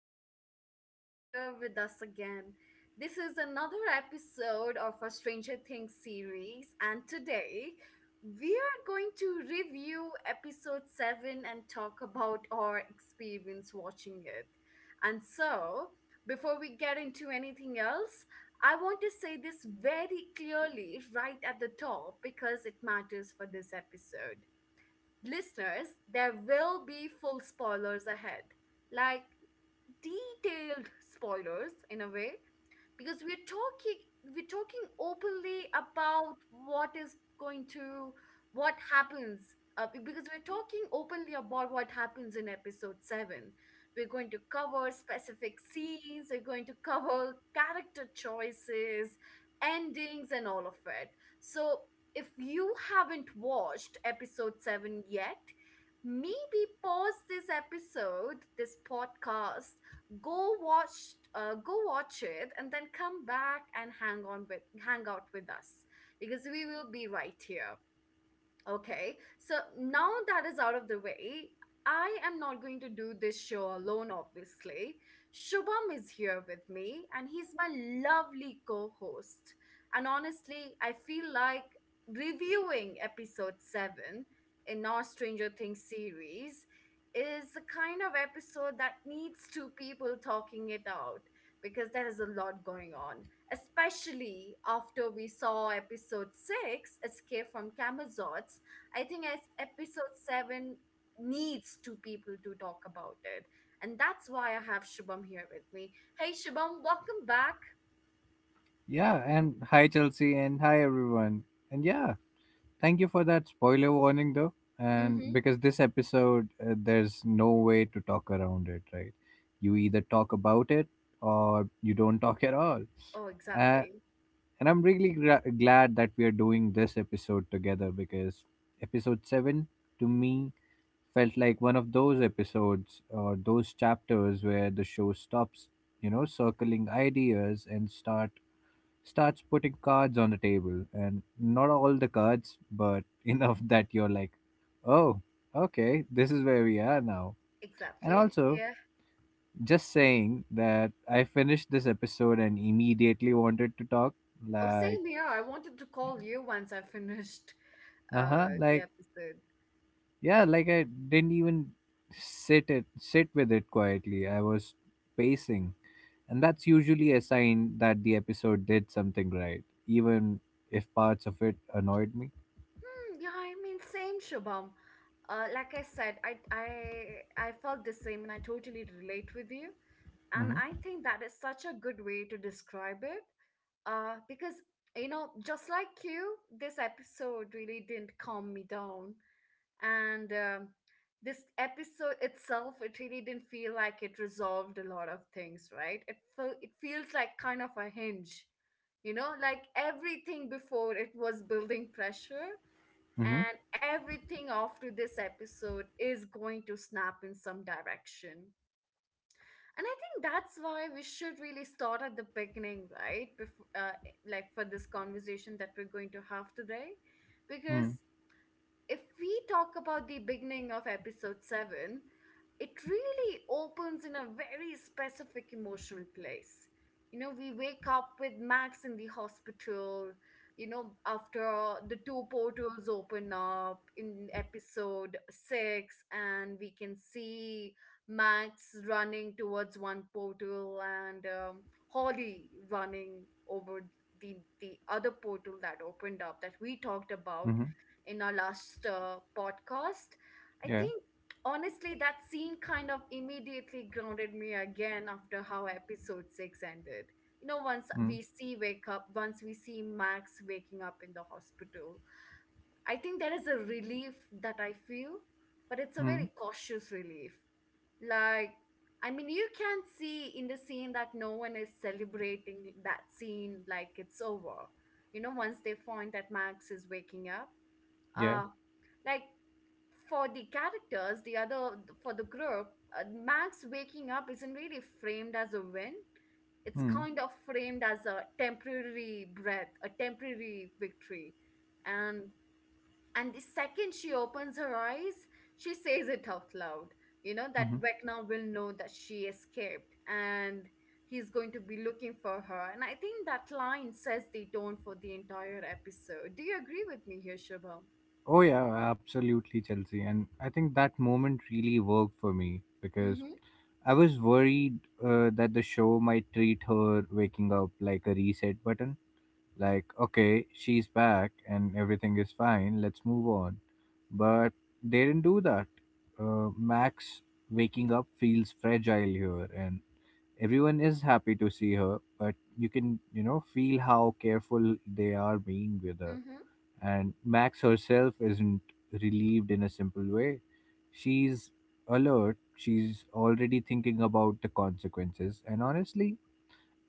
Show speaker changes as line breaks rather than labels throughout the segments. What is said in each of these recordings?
really glad that you're here with us again. This is another episode of our Stranger Things series, and today we are going to review episode 7 and talk about our experience watching it. And so, before we get into anything else, I want to say this very clearly right at the top because it matters for this episode. Listeners, there will be full spoilers ahead, like detailed spoilers in a way, because we're talking openly about what is going to what happens be- because we're talking openly about what happens in episode 7. We're going to cover specific scenes, we're going to cover character choices, endings, and all of it. So if you haven't watched episode 7 yet, maybe pause this episode, this podcast, go watch it and then come back and hang out with us, because we will be right here. Okay, so now that is out of the way, I am not going to do this show alone, obviously. Shubham is here with me, and he's my lovely co host. And honestly, I feel like reviewing episode 7 in our Stranger Things series is the kind of episode that needs two people talking it out because there is a lot going on, especially after we saw episode 6, Escape from Camazotz. I think as episode seven needs two people to talk about it. And that's why I have Shubham here with me. Hey Shubham, welcome back.
Yeah, and hi Chelsea and hi everyone. And yeah, thank you for that spoiler warning though. And
Mm-hmm.
because this episode, there's no way to talk around it, right? You either talk about it or you don't talk at all.
Oh,
Uh,
exactly.
and I'm really glad that we are doing this episode together because episode 7 to me felt like one of those episodes or those chapters where the show stops, circling ideas and starts putting cards on the table and not all the cards but enough that you're like, "Oh, okay, this is where we are now." And
Exactly.
also,
Yeah.
just saying that I finished this episode and immediately wanted to talk,
Oh,
like,
same here. I wanted to call you once I finished
uh-huh,
the
like,
episode.
yeah, like, I didn't even sit with it quietly. I was pacing, and that's usually a sign that the episode did something right, even if parts of it annoyed me.
Yeah, I mean, same, Shubham. Like I said, I felt the same and I totally relate with you. And
Mm-hmm.
I think that is such a good way to describe it. Because, you know, just like you, this episode really didn't calm me down. And this episode itself, it really didn't feel like it resolved a lot of things, right? It feels like kind of a hinge. You know, like everything before it was building pressure
Mm-hmm.
and everything after this episode is going to snap in some direction. And I think that's why we should really start at the beginning, right? Like for this conversation that we're going to have today, because if we talk about the beginning of episode 7, it really opens in a very specific emotional place. You know, we wake up with Max in the hospital, you know, after the two portals open up in episode 6, and we can see Max running towards one portal and Holly running over the other portal that opened up that we talked about
Mm-hmm.
in our last podcast. I
Yeah.
think honestly, that scene kind of immediately grounded me again after how episode six ended. You know, once we see Max waking up in the hospital, I think there is a relief that I feel, but it's a
Mm-hmm.
very cautious relief. Like, I mean, you can see in the scene that no one is celebrating that scene like it's over. You know, once they find that Max is waking up,
Yeah.
uh, like for the characters, the other for the group, Max waking up isn't really framed as a win. It's
Mm.
kind of framed as a temporary breath, a temporary victory. And the second she opens her eyes, she says it out loud. You know
Mm-hmm.
that Vecna will know that she escaped and he's going to be looking for her. And I think that line sets the tone for the entire episode. Do you agree with me here, Shubham?
Oh, yeah, absolutely, Chelsea. And I think that moment really worked for me because I was worried that the show might treat her waking up like a reset button. Like, okay, she's back and everything is fine, let's move on. But they didn't do that. Max waking up feels fragile here, and everyone is happy to see her, but you can, feel how careful they are being with her.
Mm-hmm.
And Max herself isn't relieved in a simple way. She's alert, she's already thinking about the consequences, and honestly,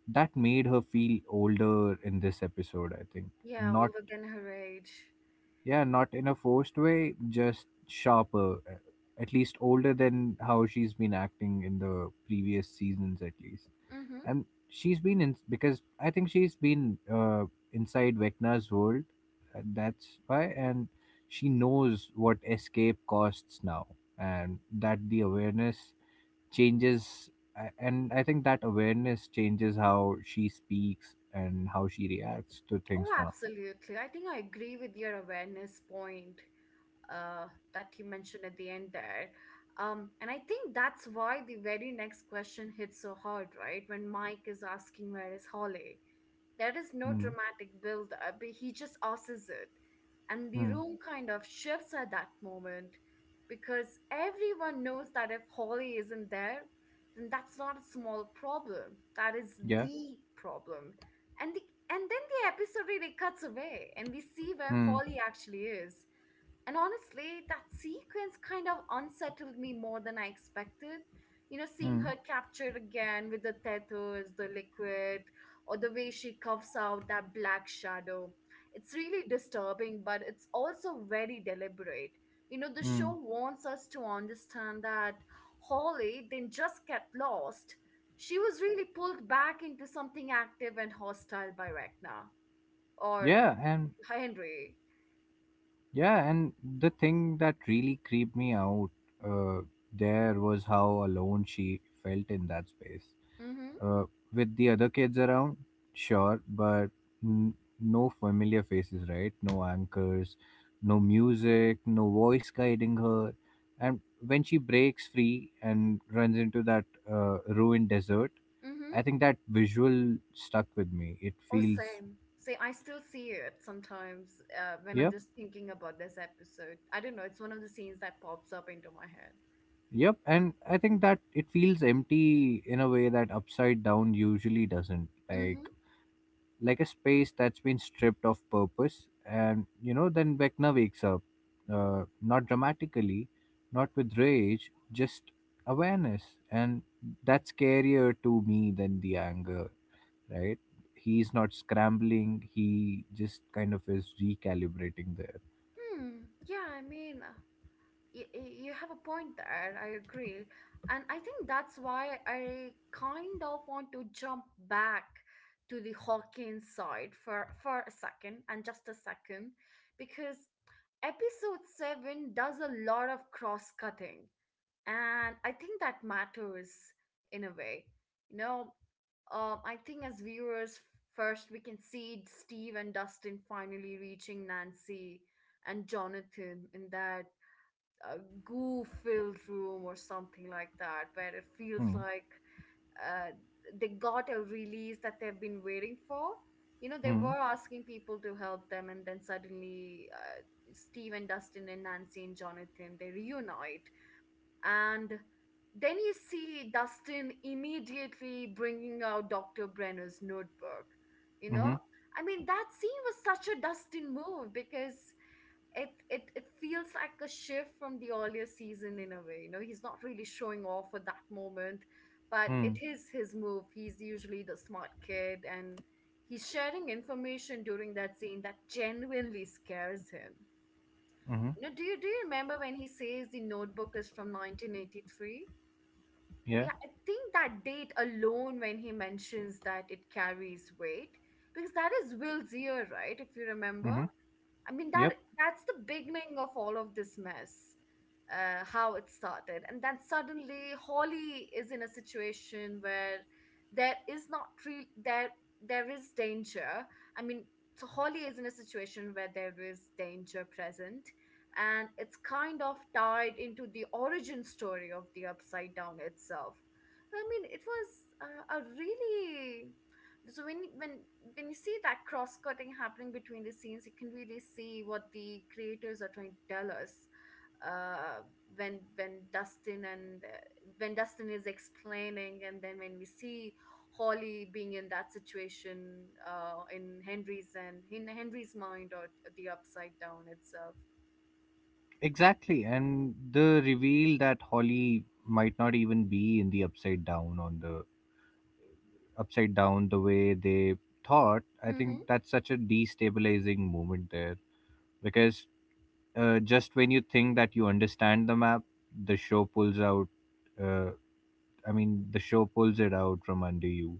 that made her feel older in this episode, I think.
Yeah,
Not
older than her age.
Yeah, not in a forced way, just sharper, at least older than how she's been acting in the previous seasons, at least.
Mm-hmm.
And she's been in, because I think she's been, inside Vecna's world. That's why. And she knows what escape costs now, and that the awareness changes. And I think that awareness changes how she speaks and how she reacts to things
Oh,
now.
absolutely. I think I agree with your awareness point uh, that he mentioned at the end there. And I think that's why the very next question hits so hard, right? When Mike is asking, "Where is Holly?" There is no
Hmm.
dramatic build up, but he just asks it. And the
Hmm.
room kind of shifts at that moment because everyone knows that if Holly isn't there, then that's not a small problem. That is
Yeah.
the problem. And then the episode really cuts away and we see where
Hmm.
Holly actually is. And honestly, that sequence kind of unsettled me more than I expected. You know, seeing
Hmm.
her captured again with the tattoos, the liquid, or the way she cuffs out that black shadow. It's really disturbing, but it's also very deliberate. You know, the
Hmm.
show wants us to understand that Holly didn't just get lost, she was really pulled back into something active and hostile by Ragnar or
Yeah. And
Henry.
Yeah, and the thing that really creeped me out, uh, there was how alone she felt in that space.
Mm hmm.
Uh, with the other kids around, sure, but n- no familiar faces, right? No anchors, no music, no voice guiding her. And when she breaks free and runs into that, ruined desert,
Mm hmm.
I think that visual stuck with me. It
Oh,
feels—
same. Say, I still see it sometimes when I'm
yeah.
just thinking about this episode. I don't know. It's one of the scenes that pops up into my head.
Yep, and I think that it feels empty in a way that upside down usually doesn't.
Mm-hmm.
Like a space that's been stripped of purpose, and, then Vecna wakes up, not dramatically, not with rage, just awareness, and that's scarier to me than the anger. Right? He's not scrambling. He just kind of is recalibrating there.
Hmm. Yeah, I mean, you have a point there. I agree. And I think that's why I kind of want to jump back to the Hawkins side for a second and just a second because episode 7 does a lot of cross cutting. And I think that matters in a way, you know. I think as viewers, first we can see Steve and Dustin finally reaching Nancy and Jonathan in that uh, goo filled room or something like that where it feels
Hmm.
like uh, they got a release that they've been waiting for. You know, they
Hmm.
were asking people to help them and then suddenly, Steve and Dustin and Nancy and Jonathan, they reunite. And then you see Dustin immediately bringing out Dr. Brenner's notebook. You
Hmm.
know, I mean, that scene was such a Dustin move because it feels like a shift from the earlier season in a way. You know, he's not really showing off at that moment, but
Hmm.
it is his move. He's usually the smart kid, and he's sharing information during that scene that genuinely scares him.
Hmm.
You know, do you remember when he says the notebook is from 1983?
Yeah.
Yeah, I think that date alone when he mentions that it carries weight, because that is Will's year, right? If you remember.
Hmm.
I mean,
Yep.
that's the beginning of all of this mess, how it started. And then suddenly Holly is in a situation where there is not real there there is danger. I mean, so Holly is in a situation where there is danger present and it's kind of tied into the origin story of the Upside Down itself. I mean, it was a really so when you see that cross cutting happening between the scenes, you can really see what the creators are trying to tell us. Uh, when when Dustin and uh, when Dustin is explaining, and then when we see Holly being in that situation in Henry's mind or the upside down itself.
Exactly, and the reveal that Holly might not even be in the upside down on the upside down the way they thought. I think that's such a destabilizing moment there, because just when you think that you understand the map, the show pulls out. Uh, I mean, the show pulls it out from under you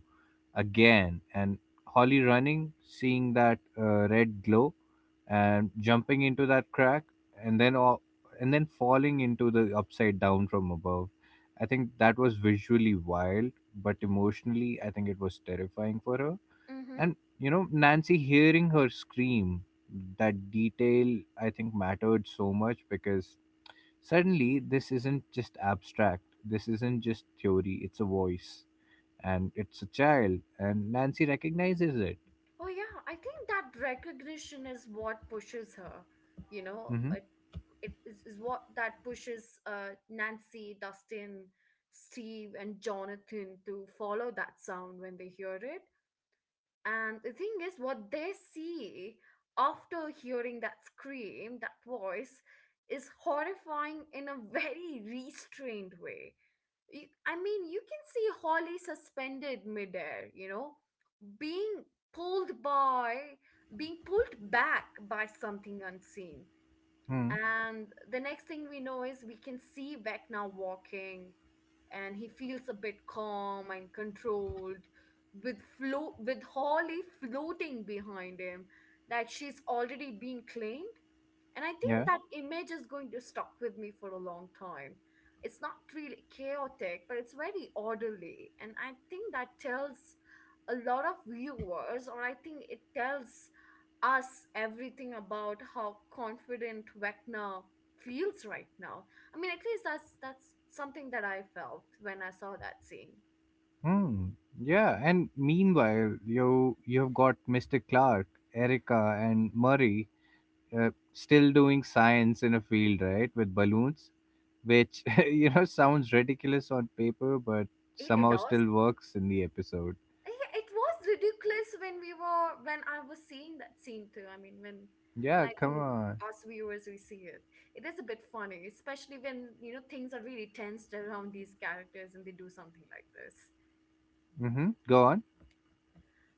again. And Holly running, seeing that, red glow, and jumping into that crack, and then falling into the upside down from above, I think that was visually wild, but emotionally I think it was terrifying for her.
Mm-hmm.
And, Nancy hearing her scream, that detail I think mattered so much, because suddenly this isn't just abstract, this isn't just theory, it's a voice, and it's a child, and Nancy recognizes it.
Oh, yeah. I think that recognition is what pushes her. You know,
Mm-hmm.
is what that pushes Nancy, Dustin, Steve, and Jonathan to follow that sound when they hear it. And the thing is, what they see after hearing that scream, that voice, is horrifying in a very restrained way. I mean, you can see Holly suspended midair, you know, being pulled by being pulled back by something unseen,
Hmm.
and the next thing we know is we can see Vec now walking, and he feels a bit calm and controlled, with with Holly floating behind him like she's already been claimed. And I think
Yeah.
that image is going to stuck with me for a long time. It's not really chaotic, but it's very orderly. And I think that tells a lot of viewers, or I think it tells us everything about how confident Vecna feels right now. I mean, at least that's something that I felt when I saw that scene.
Hmm. Yeah. And meanwhile, you've got Mr. Clark, Erica, and Murray, still doing science in a field, right, with balloons, which sounds ridiculous on paper, but
It
somehow
does.
still works in the episode.
Yeah, it was ridiculous when we were when I was seeing that scene too. I mean, when
Yeah.
I
Come
think
on.
us viewers, we see it, it is a bit funny, especially when you know things are really tensed around these characters and they do something like this.
Mm-hmm. Go on.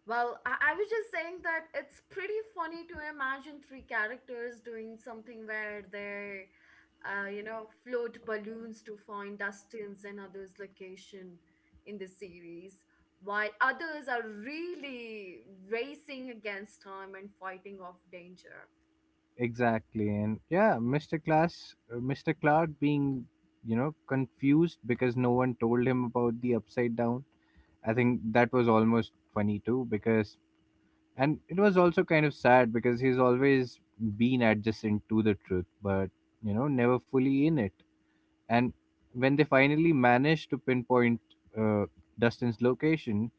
Well, I was just saying that it's pretty funny to imagine three characters doing something where they, you know, float balloons to find Dustin's and others' location in the series, while others are really racing against time and fighting off danger.
Exactly. And yeah, Mr. Cloud being, confused because no one told him about the upside down, I think that was almost funny too, because— and it was also kind of sad, because he's always been adjacent to the truth, but, never fully in it. And when they finally managed to pinpoint, uh, Dustin's location,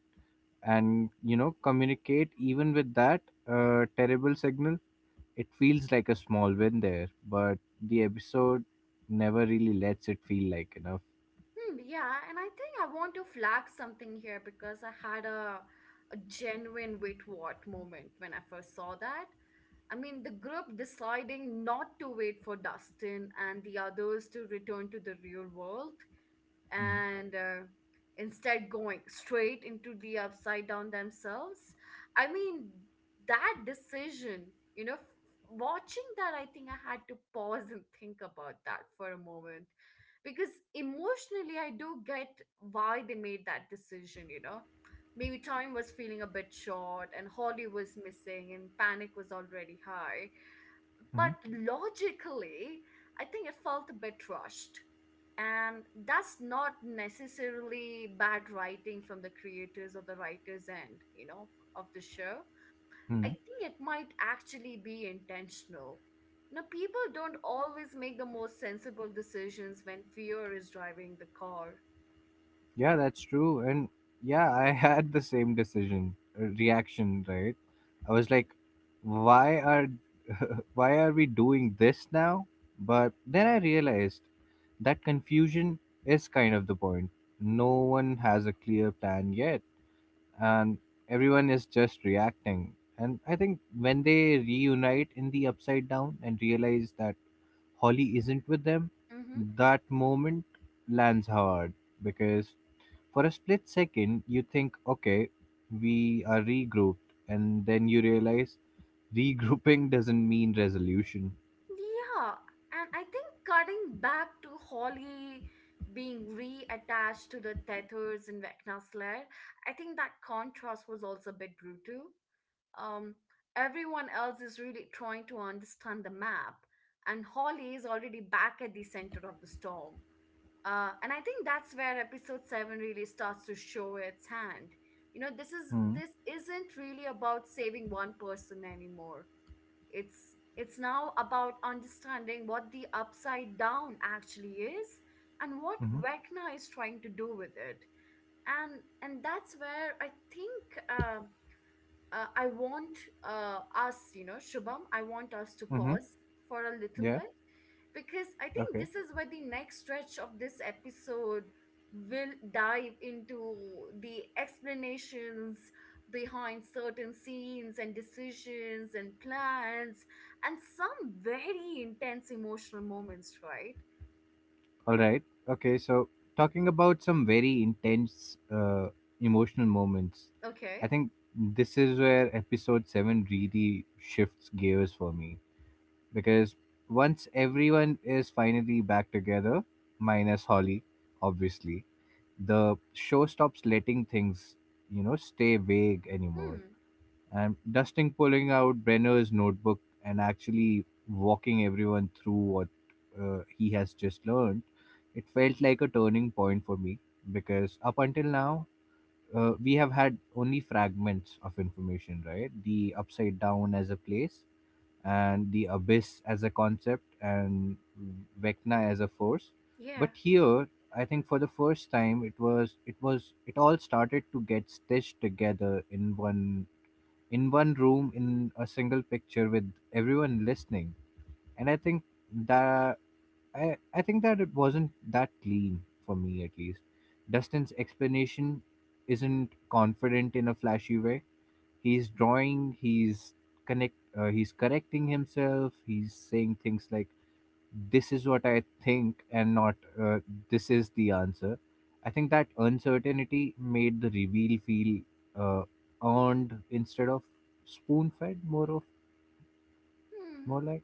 and, communicate even with that, terrible signal, it feels like a small win there, but the episode never really lets it feel like enough.
Hmm, yeah, and I think I want to flag something here because I had a genuine "wait what" moment when I first saw that. I mean, the group deciding not to wait for Dustin and the others to return to the real world
Mm.
and instead going straight into the upside down themselves. I mean, that decision, you know, f- watching that, I think I had to pause and think about that for a moment because emotionally, I do get why they made that decision, you know. Maybe time was feeling a bit short and Holly was missing and panic was already high.
Mhm.
But logically, I think it felt a bit rushed. And that's not necessarily bad writing from the creators or the writer's end, you know, of the show.
Mm.
I think it might actually be intentional. Now, people don't always make the most sensible decisions when fear is driving the car.
Yeah, that's true. And yeah, I had the same decision reaction, right? I was like, why are why are we doing this now? But then I realized that confusion is kind of the point. No one has a clear plan yet. And everyone is just reacting. And I think when they reunite in the upside down and realize that Holly isn't with them, that moment lands hard, because for a split second you think, okay, we are regrouped, and then you realize regrouping doesn't mean resolution.
Yeah, and I think cutting back to Holly being reattached to the tethers in Vecna's lair, I think that contrast was also a bit brutal. Um, Everyone else is really trying to understand the map, and Holly is already back at the center of the storm. And I think that's where episode seven really starts to show its hand. You know, this is
Hmm.
this isn't really about saving one person anymore, it's now about understanding what the upside down actually is and what
Mm-hmm.
Vecna is trying to do with it. And that's where I think uh, I want us, you know, Shubham, I want us to
Mm-hmm.
pause for a little
Yeah.
bit because I think
Okay.
this is where the next stretch of this episode will dive into the explanations behind certain scenes and decisions and plans and some very intense emotional moments, right?
All right. Okay. So, talking about some very intense, emotional moments,
Okay.
I think this is where episode 7 really shifts gears for me, because once everyone is finally back together, minus Holly, obviously, the show stops letting things, stay vague anymore.
Hmm.
And Dustin pulling out Brenner's notebook and actually walking everyone through what, he has just learned, it felt like a turning point for me, because up until now, we have had only fragments of information, right? The upside down as a place, and the abyss as a concept, and Vecna as a force. But
Yeah.
here, I think for the first time, it was— it all started to get stitched together in one— in one room, in a single picture, with everyone listening. And I think that— I think that it wasn't that clean, for me at least. Dustin's explanation isn't confident in a flashy way. He's drawing, he's correcting himself, he's saying things like, "This is what I think," and not, "This is the answer." I think that uncertainty made the reveal feel, uh, earned instead of spoon fed,
Hmm.
more like—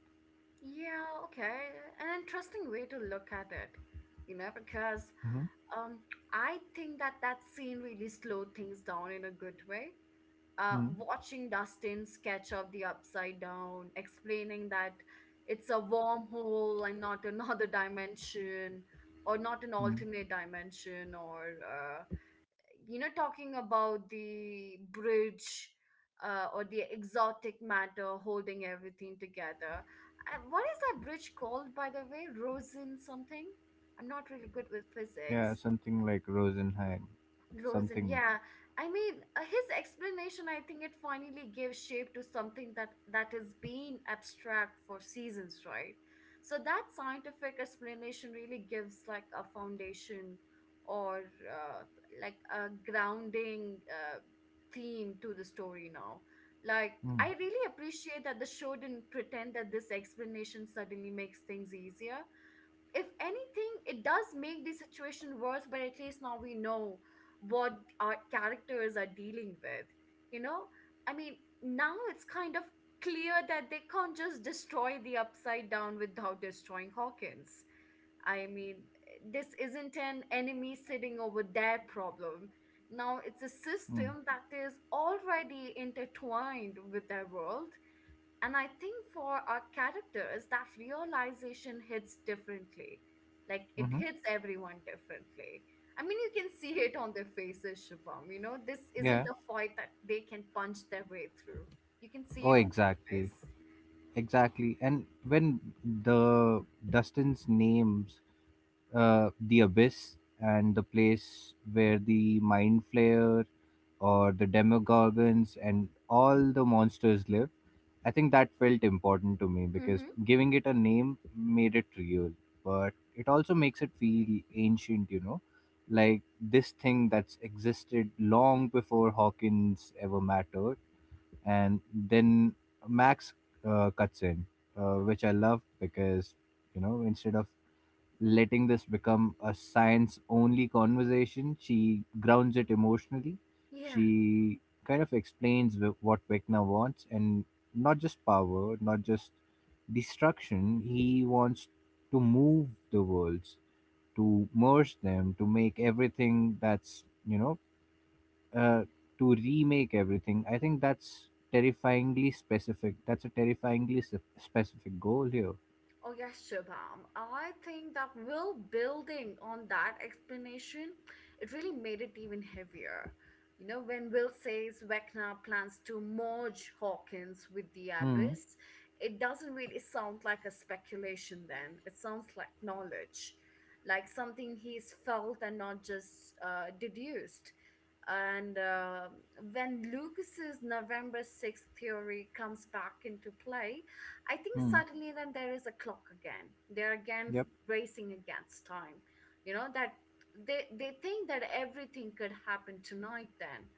Yeah. Okay. An interesting way to look at it, you know, because
mm-hmm,
Um, I think that that scene really slowed things down in a good way.
mm-hmm,
Watching Dustin sketch up the upside down, explaining that it's a wormhole and not another dimension, or not an
mm-hmm.
alternate dimension, or you know, talking about the bridge or the exotic matter holding everything together. What is that bridge called, by the way? Rosen something? I'm not really good with
Yeah,
physics.
something like Rosenheim,
Rosen,
something.
yeah. I mean, his explanation, I think it finally gave shape to something that has been abstract for seasons, right? So that scientific explanation really gives like a foundation or uh, like a grounding theme to the story now. Like,
Mm-hmm,
I really appreciate that the show didn't pretend that this explanation suddenly makes things easier. If anything, it does make the situation worse, but at least now we know what our characters are dealing with. You know, I mean, now it's kind of clear that they can't just destroy the upside down without destroying Hawkins. I mean, this isn't an enemy sitting over their problem. Now it's a system that is already intertwined with their world, and I think for our characters, that realization hits differently. Like, it
mm-hmm,
hits everyone differently. I mean, you can see it on their faces, Shubham. You know, this isn't
yeah.
a fight that they can punch their way through. You can see
Oh,
it on their
exactly,
face.
exactly. And when the Dustin's names, the abyss, and the place where the mind flayer or the demogorgons and all the monsters live, I think that felt important to me, because
Mm-hmm.
giving it a name made it real. But it also makes it feel ancient, like this thing that's existed long before Hawkins ever mattered. And then Max, cuts in, which I love, because, instead of letting this become a science only conversation, she grounds it emotionally.
Yeah.
She kind of explains what Vecna wants, and not just power, not just destruction. He wants to move the worlds, to merge them, to make everything uh, to remake everything. I think that's terrifyingly specific. That's a terrifyingly specific goal here.
Oh, yes, Shubham. I think that will building on that explanation, it really made it even heavier. You know, when Will says Vecna plans to merge Hawkins with the
Hmm.
Abyss, it doesn't really sound like a speculation then. It sounds like knowledge, like something he's felt and not just deduced. And when Lucas's November 6th theory comes back into play, I think
Hmm.
suddenly then there is a clock again.
Yep.
Racing against time. You know that they think that everything could happen tonight then.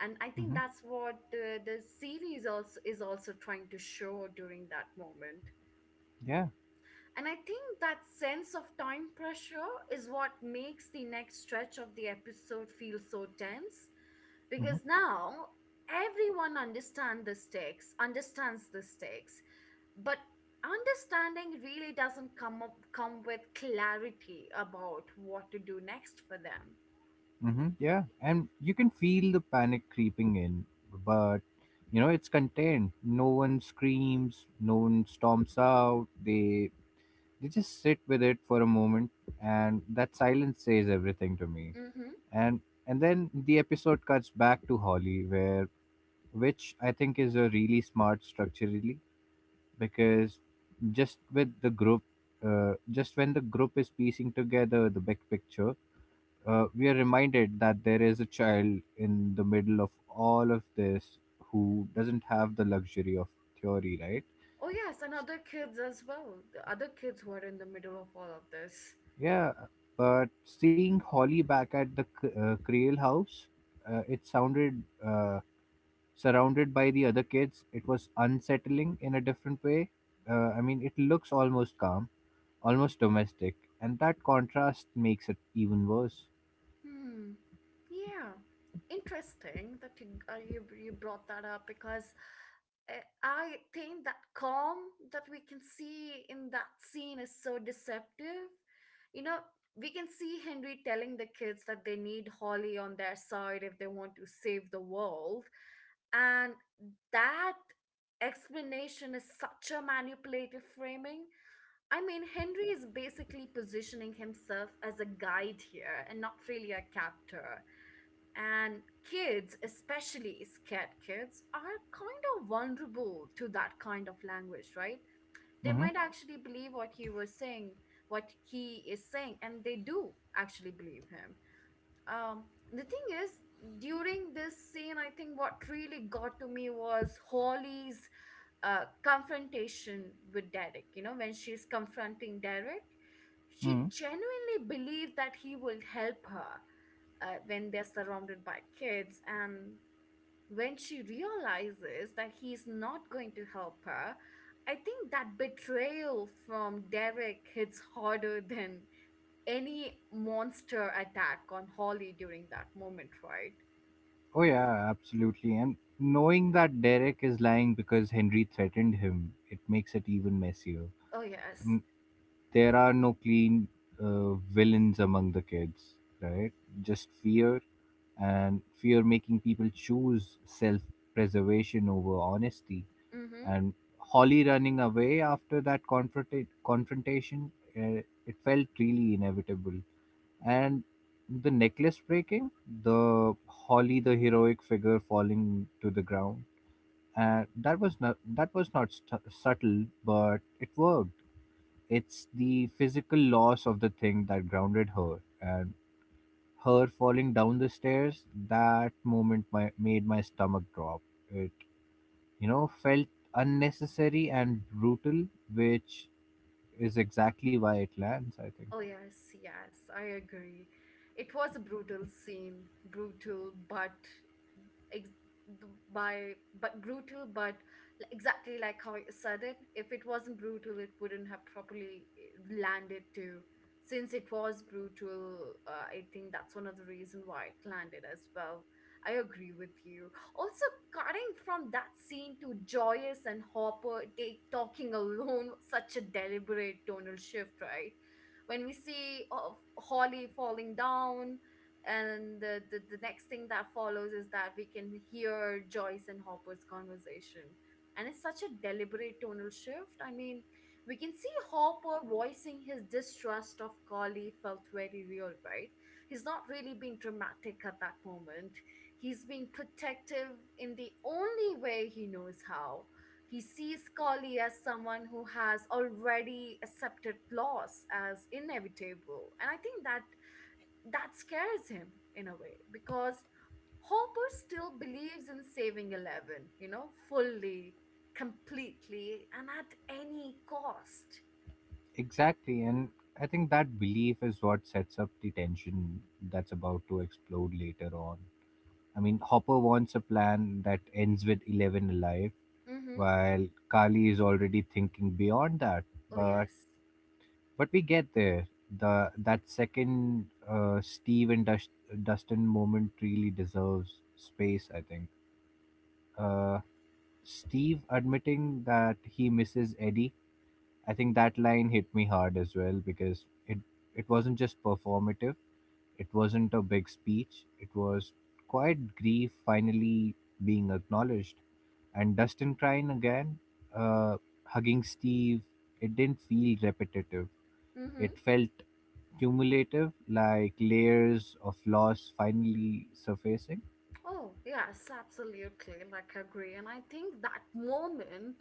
And I think
Mm-hmm.
that's what the series also is also trying to show during that moment.
Yeah.
And I think that sense of time pressure is what makes the next stretch of the episode feel so tense because now everyone understand the stakes, understands the stakes, but understanding really doesn't come with clarity about what to do next for them.
Mm-hmm, yeah, and you can feel the panic creeping in, but you know it's contained. No one screams, no one storms out. They just sit with it for a moment, and that silence says everything to me.
Hmm.
And and then the episode cuts back to Holly, where which I think is a really smart structurally, because just with the group, just when the group is piecing together the big picture, we are reminded that there is a child in the middle of all of this who doesn't have the luxury of theory, right?
Oh yes, and
S-
other kids as well, the other kids who are in the middle of all of this.
Yeah, but seeing Holly back at the Creel house, it sounded, surrounded by the other kids. It was unsettling in a different way. I mean, it looks almost calm, almost domestic, and that contrast makes it even worse.
Hmm. Yeah, interesting that you brought that up because I think that calm that we can see in that scene is so deceptive. You know, we can see Henry telling the kids that they need Holly on their side if they want to save the world, and that explanation is such a manipulative framing. I mean, Henry is basically positioning himself as a guide here and not really a captor. And kids, especially scared kids, are kind of vulnerable to that kind of language, right? They
Mm-hmm.
might actually believe what he was what he is saying, and they do actually believe him. um the thing is, during this scene, I think what really got to me was Holly's confrontation with Derek. You know, when she's confronting Derek, she genuinely believed that he will help her when they're surrounded by kids, and when she realizes that he's not going to help her, I think that betrayal from Derek hits harder than any monster attack on Holly during that moment, right?
Oh yeah, absolutely. And knowing that Derek is lying because Henry threatened him, it makes it even messier.
Oh, yes.
I There are no clean, villains among the kids, right? Just fear, and fear making people choose self-preservation over honesty.
Mm-hmm.
And Holly running away after that confrontation, it felt really inevitable. And the necklace breaking, the Holly, the heroic figure falling to the ground, and that was not— subtle, but it worked. It's the physical loss of the thing that grounded her, and her falling down the stairs. That moment made my stomach drop. It, felt unnecessary and brutal, which is exactly why it lands, I think.
Oh, yes, yes, I agree. It was a brutal scene, brutal but ex- th- by but brutal but l- exactly like how you said it, if it wasn't brutal it wouldn't have properly landed too. Since it was brutal, I think that's one of the reason why it landed as well. I agree with you. Also, cutting from that scene to Joyous and Hopper take talking alone was such a deliberate tonal shift, right? When we see of Holly falling down, and the next thing that follows is that we can hear Joyce and Hopper's conversation. And it's such a deliberate tonal shift. I mean, we can see Hopper voicing his distrust of Carly felt very real, right? He's not really being dramatic at that moment. He's being protective in the only way he knows how. He sees Carly as someone who has already accepted loss as inevitable. And I think that that scares him in a way because Hopper still believes in saving Eleven, you know, fully, completely, and at any cost.
Exactly, and I think that belief is what sets up the tension that's about to explode later on. I mean, Hopper wants a plan that ends with Eleven alive,
Mm-hmm.
while Kali is already thinking beyond that.
Oh,
But
yes.
but we get there. The that second, Steve and Dustin moment really deserves space, I think. Uh, Steve admitting that he misses Eddie, I think that line hit me hard as well because it wasn't just performative. It wasn't a big speech. It was quiet grief finally being acknowledged. And Dustin crying again, uh, hugging Steve. It didn't feel repetitive. It
Mm-hmm.
felt cumulative, like layers of loss finally surfacing.
Oh, yes, absolutely. Like, I agree. And I think that moment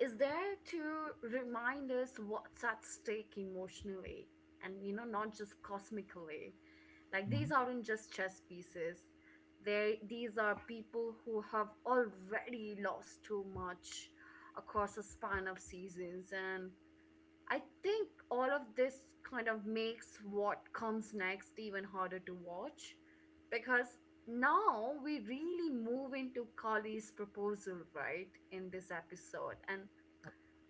is there to remind us what's at stake emotionally and, you know, not just cosmically. Like, these
Mhm.
aren't just chess pieces. These are people who have already lost too much across a span of seasons. And I think all of this kind of makes what comes next even harder to watch because now we really move into Kali's proposal, right, in this episode. And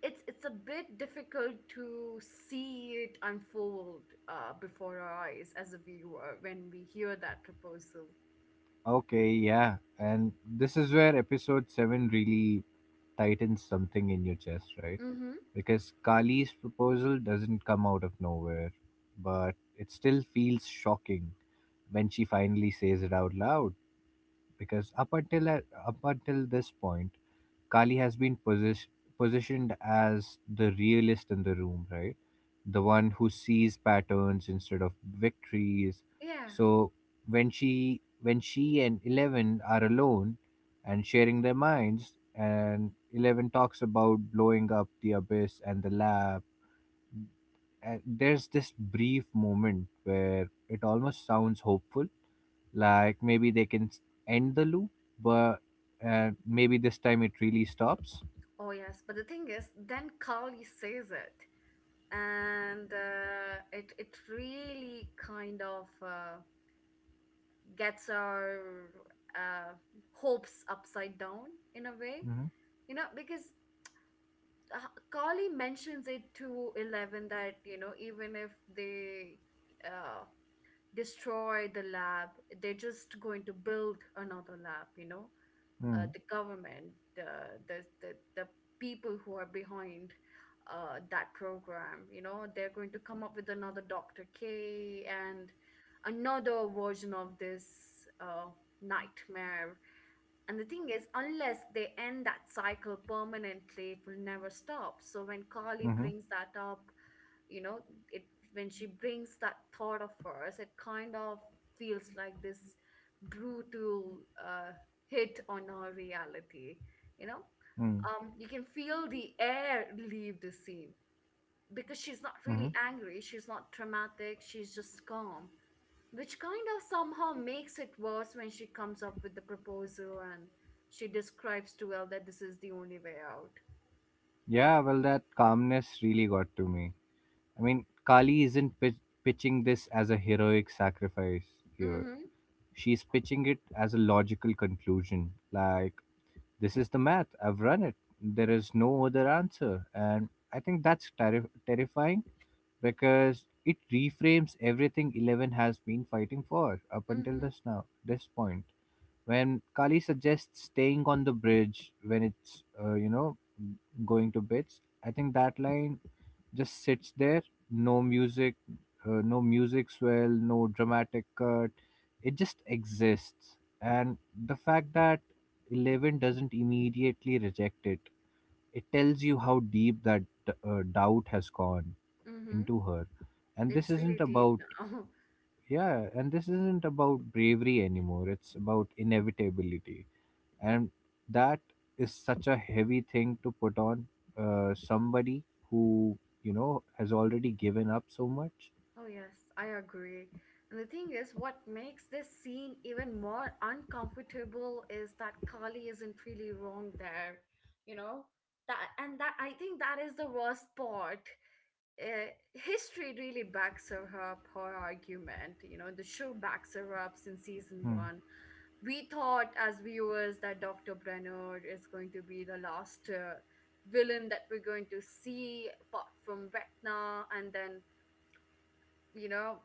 it's a bit difficult to see it unfold before our eyes as a viewer when we hear that proposal.
Okay, yeah, and this is where episode seven really tightens something in your chest, right?
Mm-hmm.
Because Kali's proposal doesn't come out of nowhere, but it still feels shocking when she finally says it out loud. Because up until this point, Kali has been positioned as the realist in the room, right? The one who sees patterns instead of victories.
Yeah.
So when she and Eleven are alone and sharing their minds, and Eleven talks about blowing up the abyss and the lab, there's this brief moment where it almost sounds hopeful, like maybe they can end the loop, but maybe this time it really stops.
Oh yes. But the thing is, then Kali says it, and it really kind of gets our uh, hopes upside down in a way,
Mm-hmm.
you know, because uh, Carly mentions it to Eleven that, you know, even if they uh, destroy the lab, they're just going to build another lab. You know,
Mm-hmm.
the government, the people who are behind that program. You know, they're going to come up with another Doctor K and another version of this uh, nightmare. And the thing is, unless they end that cycle permanently, it will never stop. So when Carly
Mm-hmm.
brings that up, you know, it when she brings that thought of hers, it kind of feels like this brutal hit on our reality. You know,
Mm-hmm.
you can feel the air leave the scene because she's not
Mm-hmm.
really angry. She's not traumatic. She's just calm, which kind of somehow makes it worse when she comes up with the proposal and she describes to Elle that this is the only way out.
Yeah, well, that calmness really got to me. I mean, Kali isn't pitching this as a heroic sacrifice here.
Mm-hmm.
She's pitching it as a logical conclusion, like, this is the math. I've run it. There is no other answer. And I think that's terrifying because it reframes everything Eleven has been fighting for up until
Mm-hmm.
this now this point. When Kali suggests staying on the bridge when it's you know, going to bits, I think that line just sits there, no music, no music swell, no dramatic cut. It just exists, and the fact that Eleven doesn't immediately reject it, it tells you how deep that doubt has gone
Mm-hmm.
into her. and this
It's
isn't
really deep
about
now.
yeah and this isn't about bravery anymore, it's about inevitability, and that is such a heavy thing to put on somebody who, you know, has already given up so much.
Oh yes, I agree. And the thing is, what makes this scene even more uncomfortable is that Kali isn't really wrong there. You know? That, and that, I think that is the worst part. History really backs her up her argument. You know, the show backs her up in season
Hmm.
one. We thought as viewers that Dr. Brenner is going to be the last villain that we're going to see apart from Vecna, and then you know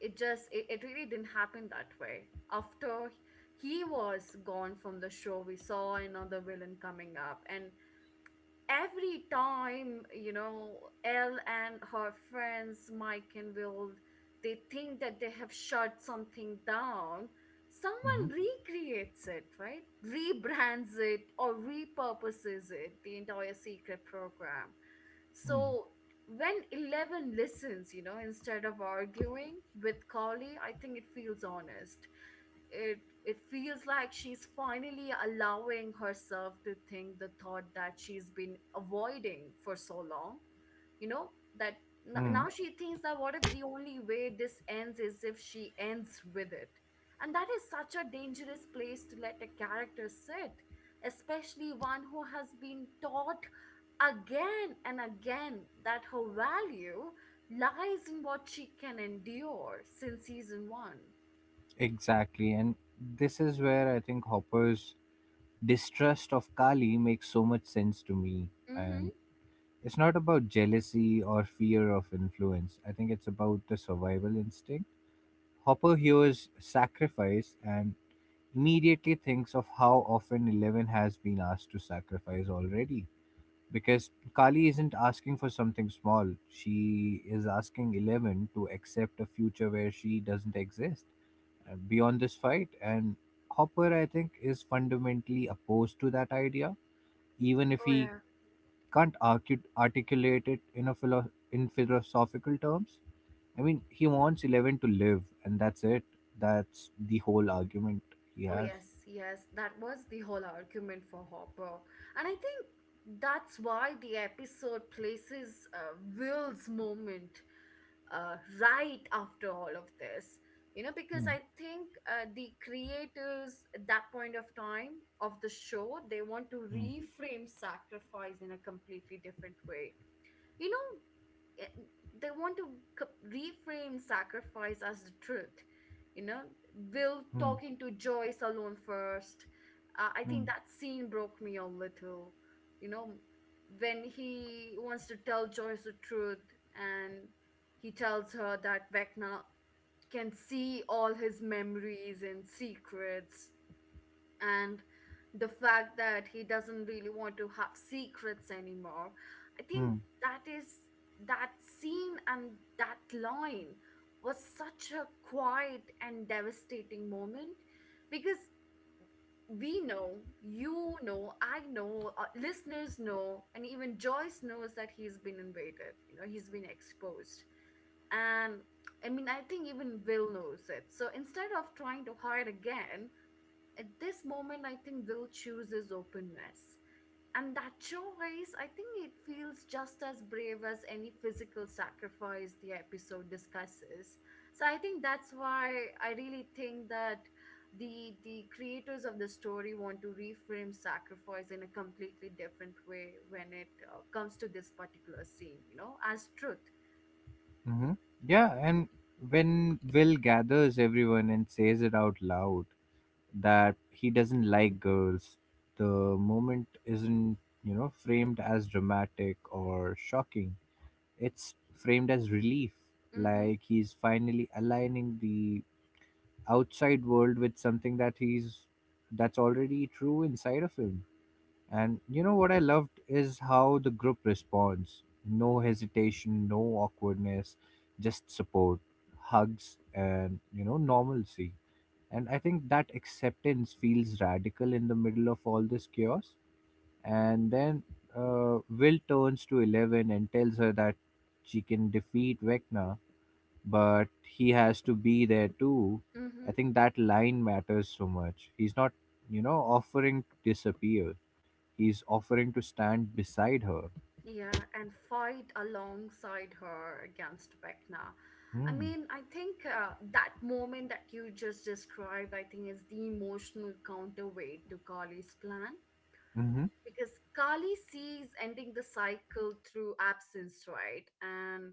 it just it really didn't happen that way. After he was gone from the show, we saw another villain coming up, and every time you know Elle and her friends Mike and Will, they think that they have shut something down,
Hmm.
someone recreates it, right, rebrands it or repurposes it, the entire secret program.
Hmm.
So when 11 listens, you know, instead of arguing with Carly, I think it feels honest. It feels like she's finally allowing herself to think the thought that she's been avoiding for so long, you know, that
Hmm.
now she thinks that, what if the only way this ends is if she ends with it? And that is such a dangerous place to let a character sit, especially one who has been taught again and again that her value lies in what she can endure since season 1.
Exactly. And this is where I think Hopper's distrust of Kali makes so much sense to me. And it's not about jealousy or fear of influence, I think it's about the survival instinct. Hopper hears sacrifice and immediately thinks of how often Eleven has been asked to sacrifice already. Because Kali isn't asking for something small, she is asking Eleven to accept a future where she doesn't exist beyond this fight. And Hopper, I think, is fundamentally opposed to that idea, even if he
Mhm.
can't articulate it in a philo- in philosophical terms. I mean, he wants Eleven to live, and that's it. That's the whole argument he
Oh,
has.
yes, yes, that was the whole argument for Hopper. And I think that's why the episode places Will's moment right after all of this. You know, because I think the creators at that point of time of the show, they want to
Mm.
reframe sacrifice in a completely different way. You know, eh, they want to reframe sacrifice as the truth. You know, Will
Mm.
talking to Joyce alone first. I
Mm.
think that scene broke me a little. You know, when he wants to tell Joyce the truth, and he tells her that Vecna can see all his memories and secrets, and the fact that he doesn't really want to have secrets anymore. I think
Mm.
that is that scene and that line was such a quiet and devastating moment, because we know, you know, I know, listeners know, and even Joyce knows that he's been invaded. You know, he's been exposed. And I mean, I think even Will knows it. So instead of trying to hide again, at this moment, I think Will chooses openness. And that choice, I think it feels just as brave as any physical sacrifice the episode discusses. So I think that's why I really think that the creators of the story want to reframe sacrifice in a completely different way when it comes to this particular scene, you know, as truth.
Hmm. Yeah, and when Will gathers everyone and says it out loud that he doesn't like girls, the moment isn't, you know, framed as dramatic or shocking. It's framed as relief,
Mm-hmm.
like he's finally aligning the outside world with something that he's, that's already true inside of him. And you know what I loved is how the group responds. No hesitation, no awkwardness, just support, hugs, and, you know, normalcy. And I think that acceptance feels radical in the middle of all this chaos. And then Will turns to Eleven and tells her that she can defeat Vecna, but he has to be there too. I think that line matters so much. He's not, you know, offering to disappear, is offering to stand beside her.
Yeah, and fight alongside her against Vecna. I
Hmm.
mean, I think that moment that you just described, I think, is the emotional counterweight to Kali's plan,
Mm. Hmm.
because Kali sees ending the cycle through absence, right? And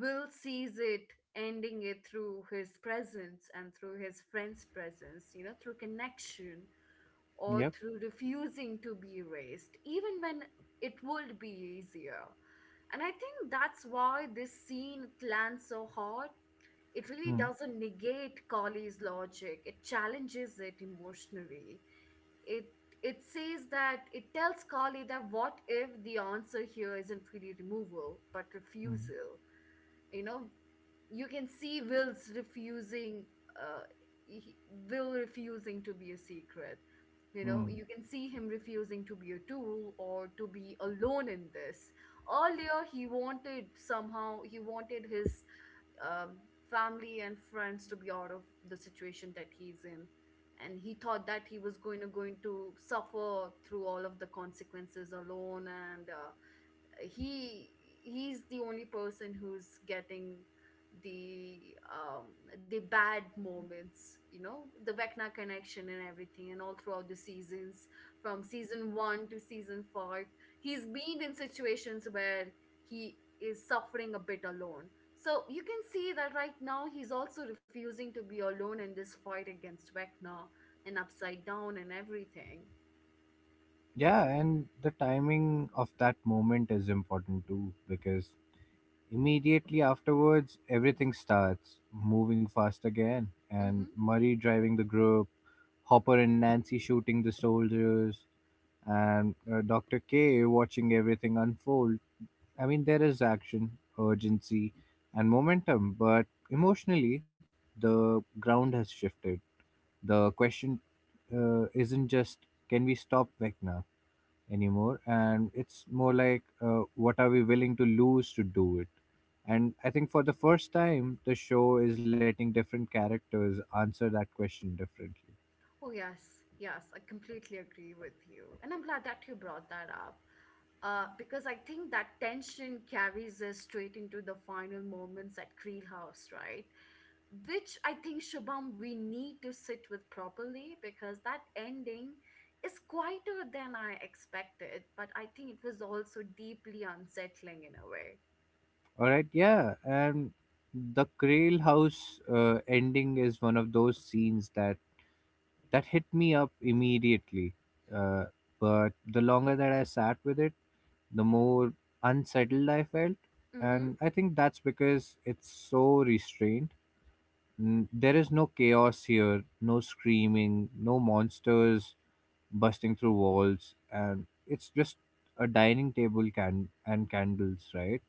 Will sees it ending it through his presence and through his friend's presence, you know, through connection, or
Yep.
through refusing to be erased, even when it would be easier. And I think that's why this scene lands so hard. It really
Hmm.
doesn't negate Collie's logic. It challenges it emotionally. It it says that it tells Collie that, what if the answer here isn't really removal, but
Hmm.
refusal? You know, you can see Will's refusing uh he, Will refusing to be a secret. You know,
Mm.
you can see him refusing to be a tool or to be alone in this. Earlier he wanted, somehow he wanted his um, family and friends to be out of the situation that he's in, and he thought that he was going to suffer through all of the consequences alone, and he he's the only person who's getting the the bad moments, you know, the Vecna connection and everything. And all throughout the seasons, from season 1 to season 5, he's been in situations where he is suffering a bit alone. So you can see that right now he's also refusing to be alone in this fight against Vecna and Upside Down and everything.
Yeah, and the timing of that moment is important too, because immediately afterwards, everything starts moving fast again. And
Mm-hmm.
Murray driving the group, Hopper and Nancy shooting the soldiers, and Dr. K watching everything unfold. I mean, there is action, urgency, and momentum, but emotionally, the ground has shifted. The question isn't just, can we stop Vecna anymore, and it's more like, what are we willing to lose to do it. And I think for the first time, the show is letting different characters answer that question differently.
Oh, yes, yes, I completely agree with you. And I'm glad that you brought that up, because I think that tension carries us straight into the final moments at Creel House, right? Which I think, Shubham, we need to sit with properly, because that ending is quieter than I expected, but I think it was also deeply unsettling in a way.
All right, yeah, and the Krail House ending is one of those scenes that hit me up immediately. Uh, but the longer that I sat with it, the more unsettled I felt.
Mm hmm.
And I think that's because it's so restrained. Mm. There is no chaos here, no screaming, no monsters busting through walls, and it's just a dining table and candles, right?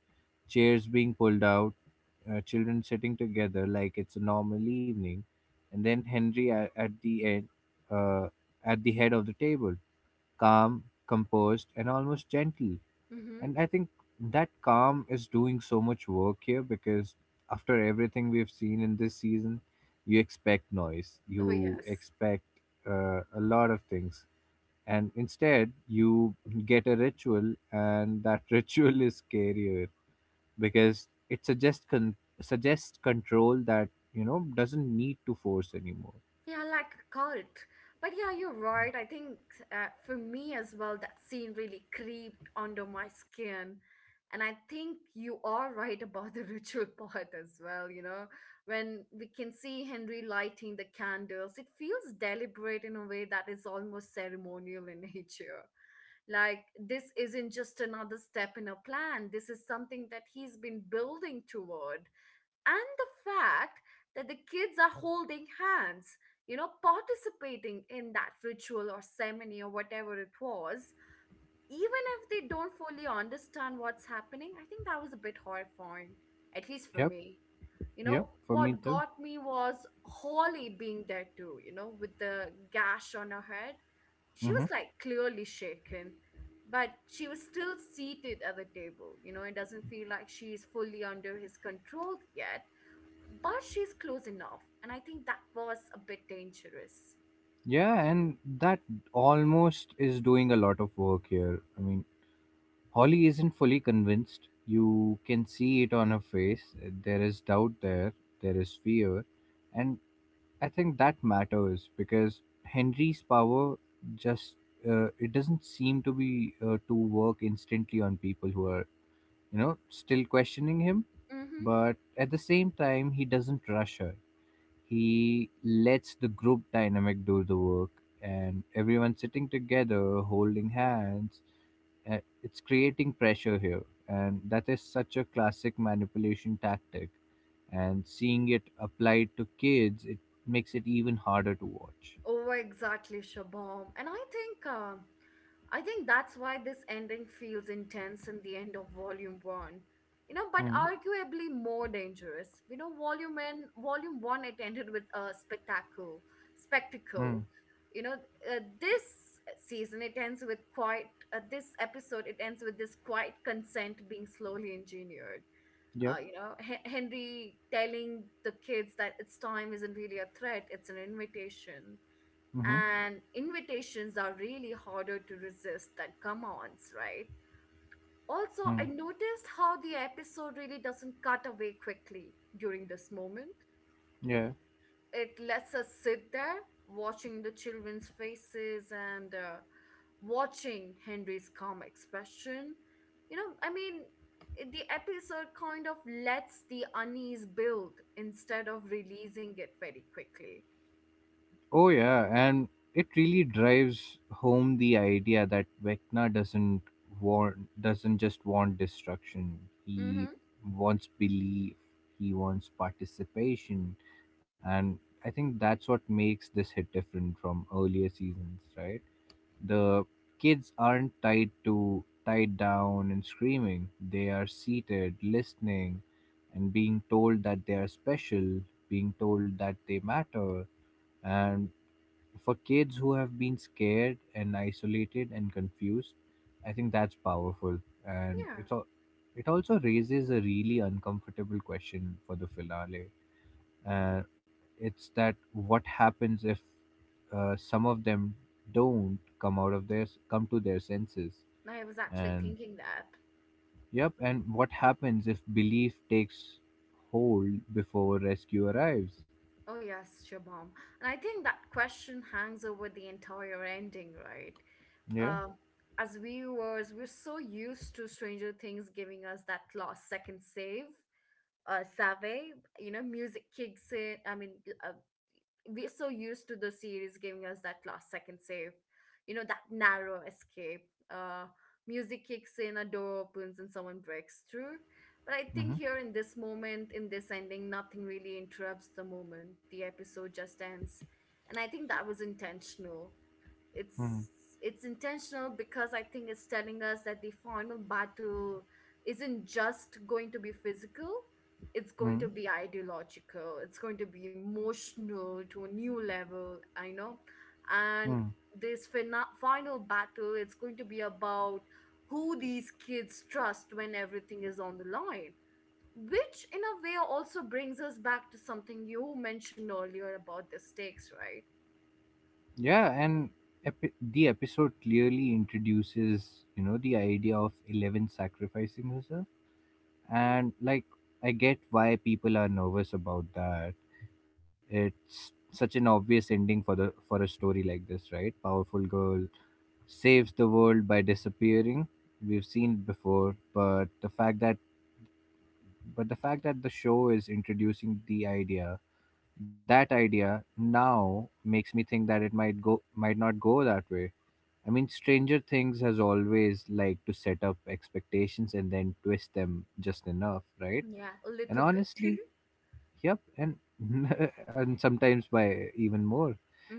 Chairs being pulled out, children sitting together like it's a normal evening, and then Henry at the end, uh, at the head of the table, calm, composed, and almost gentle.
Mm hmm.
And I think that calm is doing so much work here because after everything we've seen in this season, you expect noise,
Oh,
you
yes.
expect a lot of things. And instead, you get a ritual, and that ritual is scarier because it suggests suggests control that, you know, doesn't need to force anymore.
Yeah, like a cult. But yeah, you're right. I think for me as well, that scene really creeped under my skin. And I think you are right about the ritual part as well, you know. When we can see Henry lighting the candles, it feels deliberate in a way that is almost ceremonial in nature. Like, this isn't just another step in a plan, this is something that he's been building toward, and the fact that the kids are holding hands, you know, participating in that ritual or ceremony or whatever it was, even if they don't fully understand what's happening, I think that was a bit horrifying, at least for
Yep,
me. You know,
yep, for me
what
too.
got me was Holly being there too, you know, with the gash on her head. She was
Mm-hmm.
like clearly shaken, but she was still seated at the table. You know, it doesn't feel like she's fully under his control yet, but she's close enough, and I think that was a bit dangerous.
Yeah, and that almost is doing a lot of work here. I mean, Holly isn't fully convinced. You can see it on her face. There is doubt there, there is fear. And I think that matters because Henry's power just, it doesn't seem to be to work instantly on people who are, you know, still questioning him.
Mm-hmm.
But at the same time, he doesn't rush her. He lets the group dynamic do the work, and everyone sitting together, holding hands, it's creating pressure here. And that is such a classic manipulation tactic. And seeing it applied to kids, it makes it even harder to watch.
Oh, exactly, Shabam. And I think I think that's why this ending feels intense in the end of volume one, you know, but
Hmm.
arguably more dangerous. You know, volume one it ended with a spectacle,
Hmm.
spectacle, you know. This season it ends with quite, this episode it ends with this quiet consent being slowly engineered.
Yep.
You know, Henry telling the kids that its time isn't really a threat, it's an invitation.
Mm-hmm.
And invitations are really harder to resist than come ons right? Also,
Hmm.
I noticed how the episode really doesn't cut away quickly during this moment.
Yeah.
It lets us sit there watching the children's faces and watching Henry's calm expression. You know, I mean, the episode kind of lets the unease build instead of releasing it very quickly.
Oh, yeah, and it really drives home the idea that Vecna doesn't just want destruction. He
Mm-hmm.
wants belief. He wants participation, and I think that's what makes this hit different from earlier seasons, right? The kids aren't tied down and screaming. They are seated, listening, and being told that they are special, being told that they matter, and for kids who have been scared and isolated and confused, I think that's powerful. And
Yeah,
it's it also raises a really uncomfortable question for the finale. Uh, it's that, what happens if some of them don't come to their senses?
I was actually
and
thinking that.
yep and what happens if belief takes hold before rescue arrives?
Oh, yes, Shabam. And I think that question hangs over the entire ending, right?
Yeah.
Um, as viewers, we're so used to Stranger Things giving us that last second save, you know, music kicks in. I mean, uh, we're so used to the series giving us that last second save, you know, that narrow escape. Music kicks in, a door opens, and someone breaks through. But I think
Mm-hmm.
here in this moment, in this ending, nothing really interrupts the moment. The episode just ends. And I think that was intentional.
Mm-hmm.
It's it's intentional because I think it's telling us that the final battle isn't just going to be physical, it's going to be ideological, it's going to be emotional to a new level, I know. And
Mm-hmm.
this final battle, it's going to be about who these kids trust when everything is on the line, which in a way also brings us back to something you mentioned earlier about the stakes, right?
Yeah, and the episode clearly introduces, you know, the idea of Eleven sacrificing herself. And, like, I get why people are nervous about that. It's such an obvious ending for the for a story like this, right? Powerful girl saves the world by disappearing. We've seen it before, but the fact that but the fact that the show is introducing the idea, that idea now makes me think that it might not go that way. I mean, Stranger Things has always liked to set up expectations and then twist them just enough, right?
Yeah, a
And
little bit.
honestly, yep, and and sometimes by even more.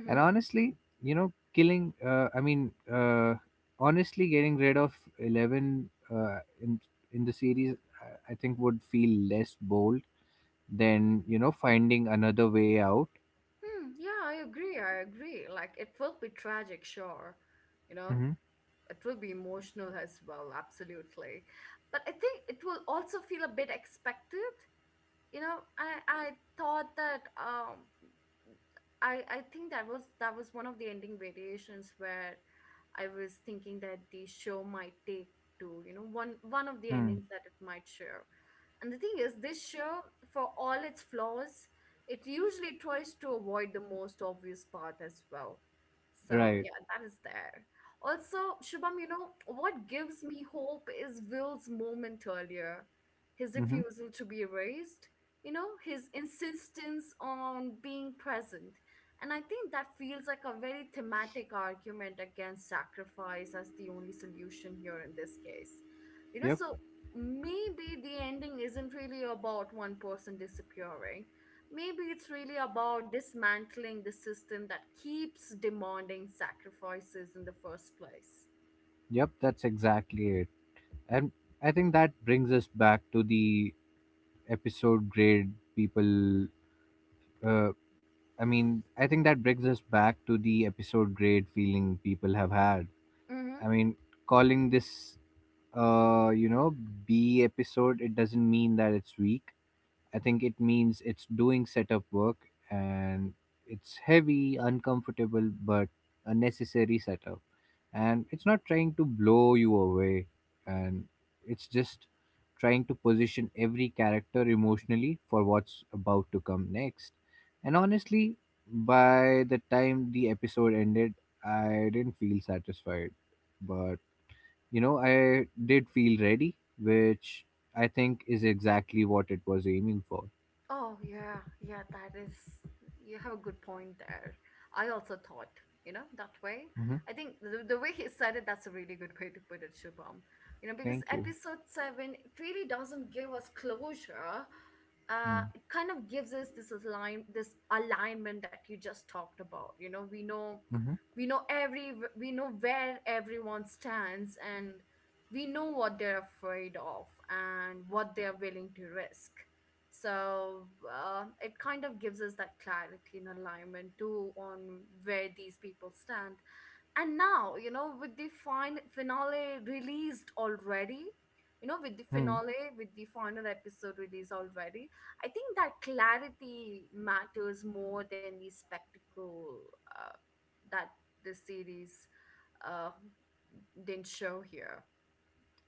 And honestly, you know, killing. Honestly, getting rid of Eleven in the series, I think would feel less bold than, you know, finding another way out.
Hmm, yeah, I agree. I agree. Like, it will be tragic, sure. You know, it will be emotional as well, absolutely. But I think it will also feel a bit expected. You know, I thought that I think that was, that was one of the ending variations where I was thinking that the show might take to, you know, one of the
Mm-hmm.
endings that it might share. And the thing is, this show, for all its flaws, it usually tries to avoid the most obvious path as well. So
Right.
yeah, that is there. Also, Shubham, you know what gives me hope is Will's moment earlier, his
Mm-hmm.
refusal to be erased, you know, his insistence on being present. And I think that feels like a very thematic argument against sacrifice as the only solution here in this case. You know,
Yep.
so maybe the ending isn't really about one person disappearing, maybe it's really about dismantling the system that keeps demanding sacrifices in the first place.
Yep. That's exactly it. And I think that brings us back to the episode grade people. Uh, I think that brings us back to the episode grade feeling people have had. I
Mm-hmm.
mean, calling this, you know, B episode, it doesn't mean that it's weak. I think it means it's doing setup work, and it's heavy, uncomfortable, but a necessary setup. And it's not trying to blow you away, and it's just trying to position every character emotionally for what's about to come next. And honestly, by the time the episode ended, I didn't feel satisfied. But, you know, I did feel ready, which I think is exactly what it was aiming for.
Oh, yeah, yeah, that is, you have a good point there. I also thought, you know, that way.
Mm-hmm.
I think the way he said it, that's a really good way to put it, Shubham. You know, because
Thank you.
episode seven it really doesn't give us closure.
Hmm.
It kind of gives us this align this alignment that you just talked about. You know, we know,
Mm-hmm.
we know every we know where everyone stands, and we know what they're afraid of and what they're willing to risk. So it kind of gives us that clarity and alignment too on where these people stand. And now you know with the fine finale released already, you know, with the
Hmm.
finale, with the final episode released already, I think that clarity matters more than the spectacle uh, that the series uh, didn't show here.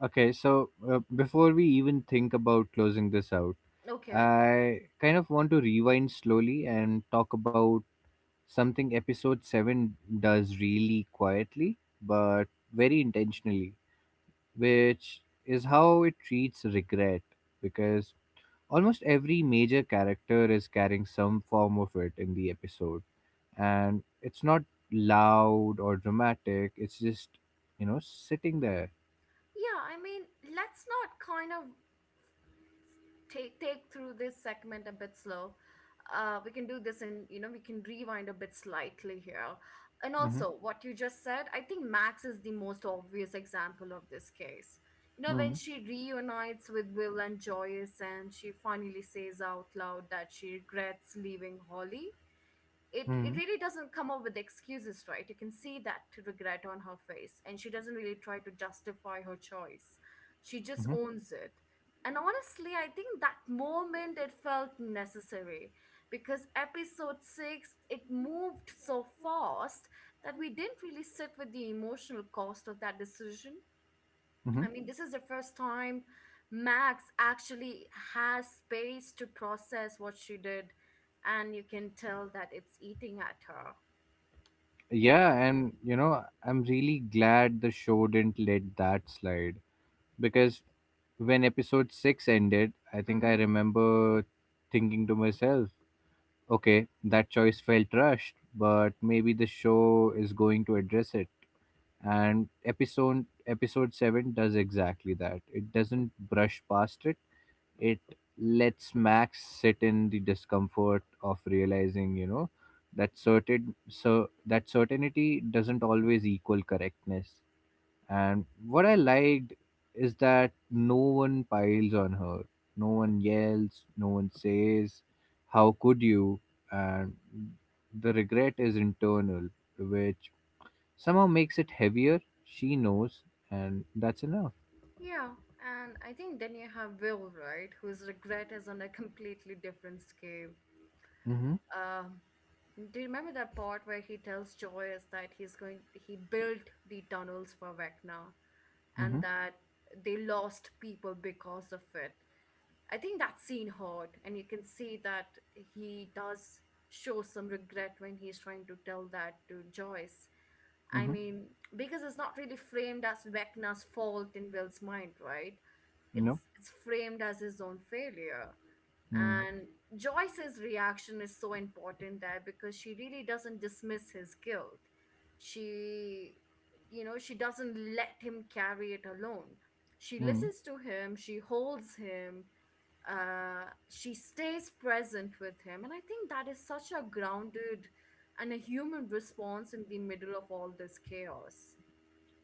Okay, so before we even think about closing this out,
Okay.
I kind of want to rewind slowly and talk about something episode 7 does really quietly but very intentionally, which is how it treats regret, because almost every major character is carrying some form of it in the episode, and it's not loud or dramatic, it's just, you know, sitting there.
Yeah, I mean, let's not kind of take through this segment a bit slow. We can do this, and you know we can rewind a bit slightly here. And
Hmm.
also, what you just said, I think Max is the most obvious example of this case. You know, when
Hmm.
she reunites with Will and Joyce, and she finally says out loud that she regrets leaving Holly, it
Hmm.
really doesn't come up with excuses, right? You can see that regret on her face, and she doesn't really try to justify her choice. She just
Hmm.
owns it. And honestly, I think that moment it felt necessary because episode 6 it moved so fast that we didn't really sit with the emotional cost of that decision.
Hmm.
I mean, this is the first time Max actually has space to process what she did, and you can tell that it's eating at her.
Yeah, and, you know, I'm really glad the show didn't let that slide because when episode 6 ended, I think I
Mm-hmm.
remember thinking to myself, okay, that choice felt rushed, but maybe the show is going to address it. And episode 7 does exactly that. It doesn't brush past it. It lets Max sit in the discomfort of realizing, you know, that certainty doesn't always equal correctness. And what I liked is that no one piles on her. No one yells, no one says, how could you? And the regret is internal, which somehow makes it heavier. She knows, and that's enough.
Yeah, and I think then you have Will, right, whose regret is on a completely different scale.
Mm-hmm.
Um, do you remember that part where he tells Joyce that he's going, he built the tunnels for Vecna,
Mm-hmm.
and that they lost people because of it? I think that scene hurt, and you can see that he does show some regret when he's trying to tell that to Joyce. I
Mm-hmm.
mean, because it's not really framed as Vecna's fault in Will's mind, right?
No.
It's framed as his own failure.
Mm-hmm.
And Joyce's reaction is so important there because she really doesn't dismiss his guilt. She, you know, she doesn't let him carry it alone. She listens to him, she holds him, she stays present with him. And I think that is such a grounded and a human response in the middle of all this chaos.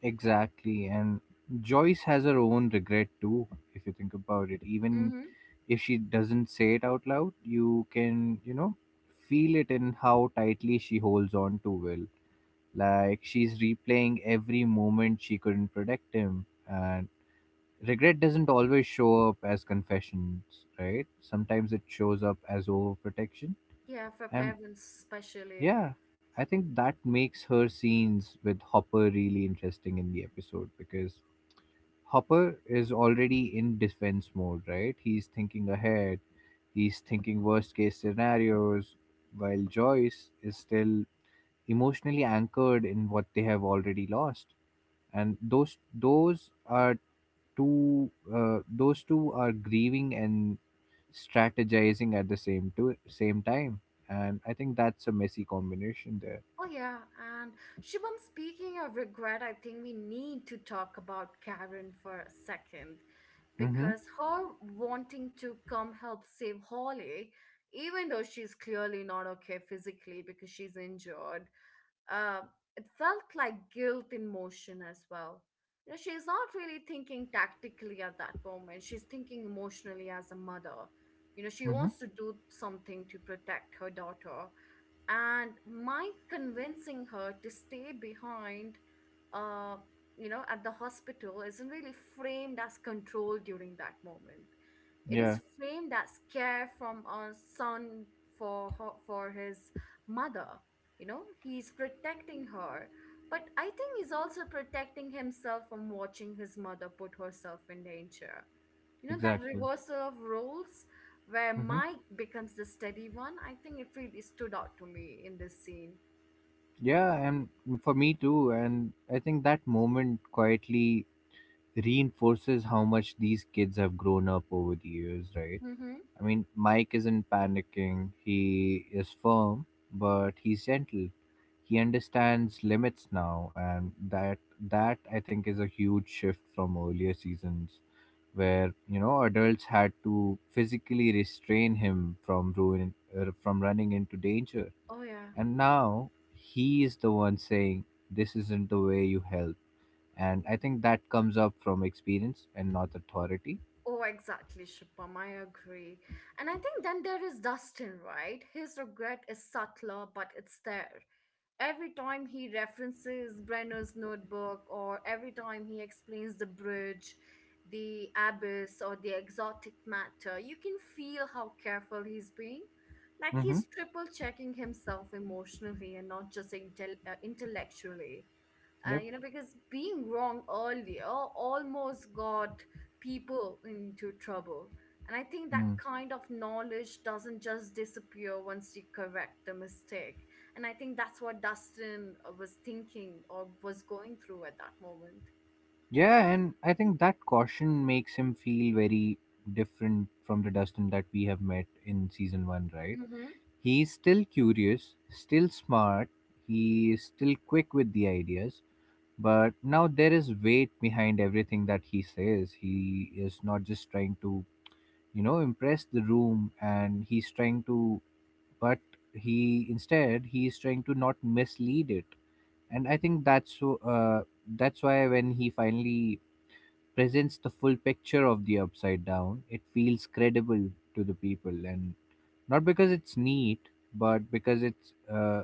Exactly. And Joyce has her own regret too, if you think about it. Even
Mm-hmm.
if she doesn't say it out loud, you can, feel it in how tightly she holds on to Will. Like she's replaying every moment she couldn't protect him. And regret doesn't always show up as confessions, right? Sometimes it shows up as overprotection.
Yeah, for
And
parents, especially.
yeah, I think that makes her scenes with Hopper really interesting in the episode because Hopper is already in defense mode, right? He's thinking ahead, he's thinking worst case scenarios, while Joyce is still emotionally anchored in what they have already lost. And those are two those two are grieving and strategizing at the same time. And I think that's a messy combination there.
Oh, yeah. And Shubham, speaking of regret, I think we need to talk about Karen for a second
Mm-hmm.
because her wanting to come help save Holly, even though she's clearly not okay physically because she's injured, uh, it felt like guilt in motion as well. You know, she's not really thinking tactically at that moment. She's thinking emotionally as a mother. You know, she
Mm-hmm.
wants to do something to protect her daughter, and Mike convincing her to stay behind, uh, you know, at the hospital isn't really framed as control during that moment. It
Yeah,
is framed as care from a son for her, for his mother. You know, he's protecting her, but I think he's also protecting himself from watching his mother put herself in danger. You know, that
exactly.
reversal of roles where
Mm-hmm.
Mike becomes the steady one, I think it really stood out to me in this scene.
Yeah, and for me too. And I think that moment quietly reinforces how much these kids have grown up over the years, right?
Mm-hmm.
I mean, Mike isn't panicking, he is firm, but he's gentle. He understands limits now, and that I think is a huge shift from earlier seasons where adults had to physically restrain him from ruin from running into danger,
Oh, yeah.
and now he is the one saying, "This isn't the way you help." And I think that comes up from experience and not authority.
Oh, exactly, Shipam. I agree. And I think then there is Dustin, right? His regret is subtler, but it's there. Every time he references Brenner's notebook, or every time he explains the bridge, the abyss, or the exotic matter, you can feel how careful he's being. Like
Mm-hmm.
he's triple checking himself emotionally and not just intellectually.
Yep.
You know, because being wrong earlier almost got people into trouble. And I think that
Mm.
kind of knowledge doesn't just disappear once you correct the mistake. And I think that's what Dustin was thinking or was going through at that moment.
Yeah, and I think that caution makes him feel very different from the Dustin that we have met in season one, right?
Mm-hmm.
He's still curious, still smart, he is still quick with the ideas, but now there is weight behind everything that he says. He is not just trying to impress the room and he's trying to but he instead he is trying to not mislead it. And I think that's so that's why when he finally presents the full picture of the upside down it feels credible to the people, and not because it's neat but because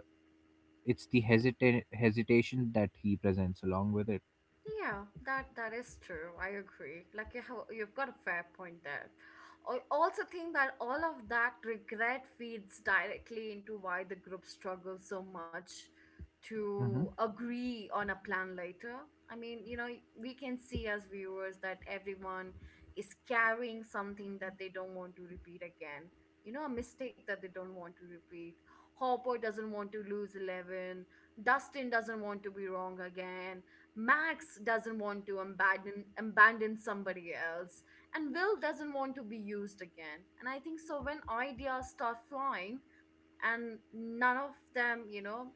it's the hesitation that he presents along with it.
Yeah, that is true. I agree. Like you have, you've got a fair point there. I also think that all of that regret feeds directly into why the group struggles so much
Hmm.
to agree on a plan later. I mean, you know, we can see as viewers that everyone is carrying something that they don't want to repeat again. You know, a mistake that they don't want to repeat. Hopper doesn't want to lose 11. Dustin doesn't want to be wrong again. Max doesn't want to abandon somebody else, and Will doesn't want to be used again. And I think so when ideas start flying, and none of them, you know,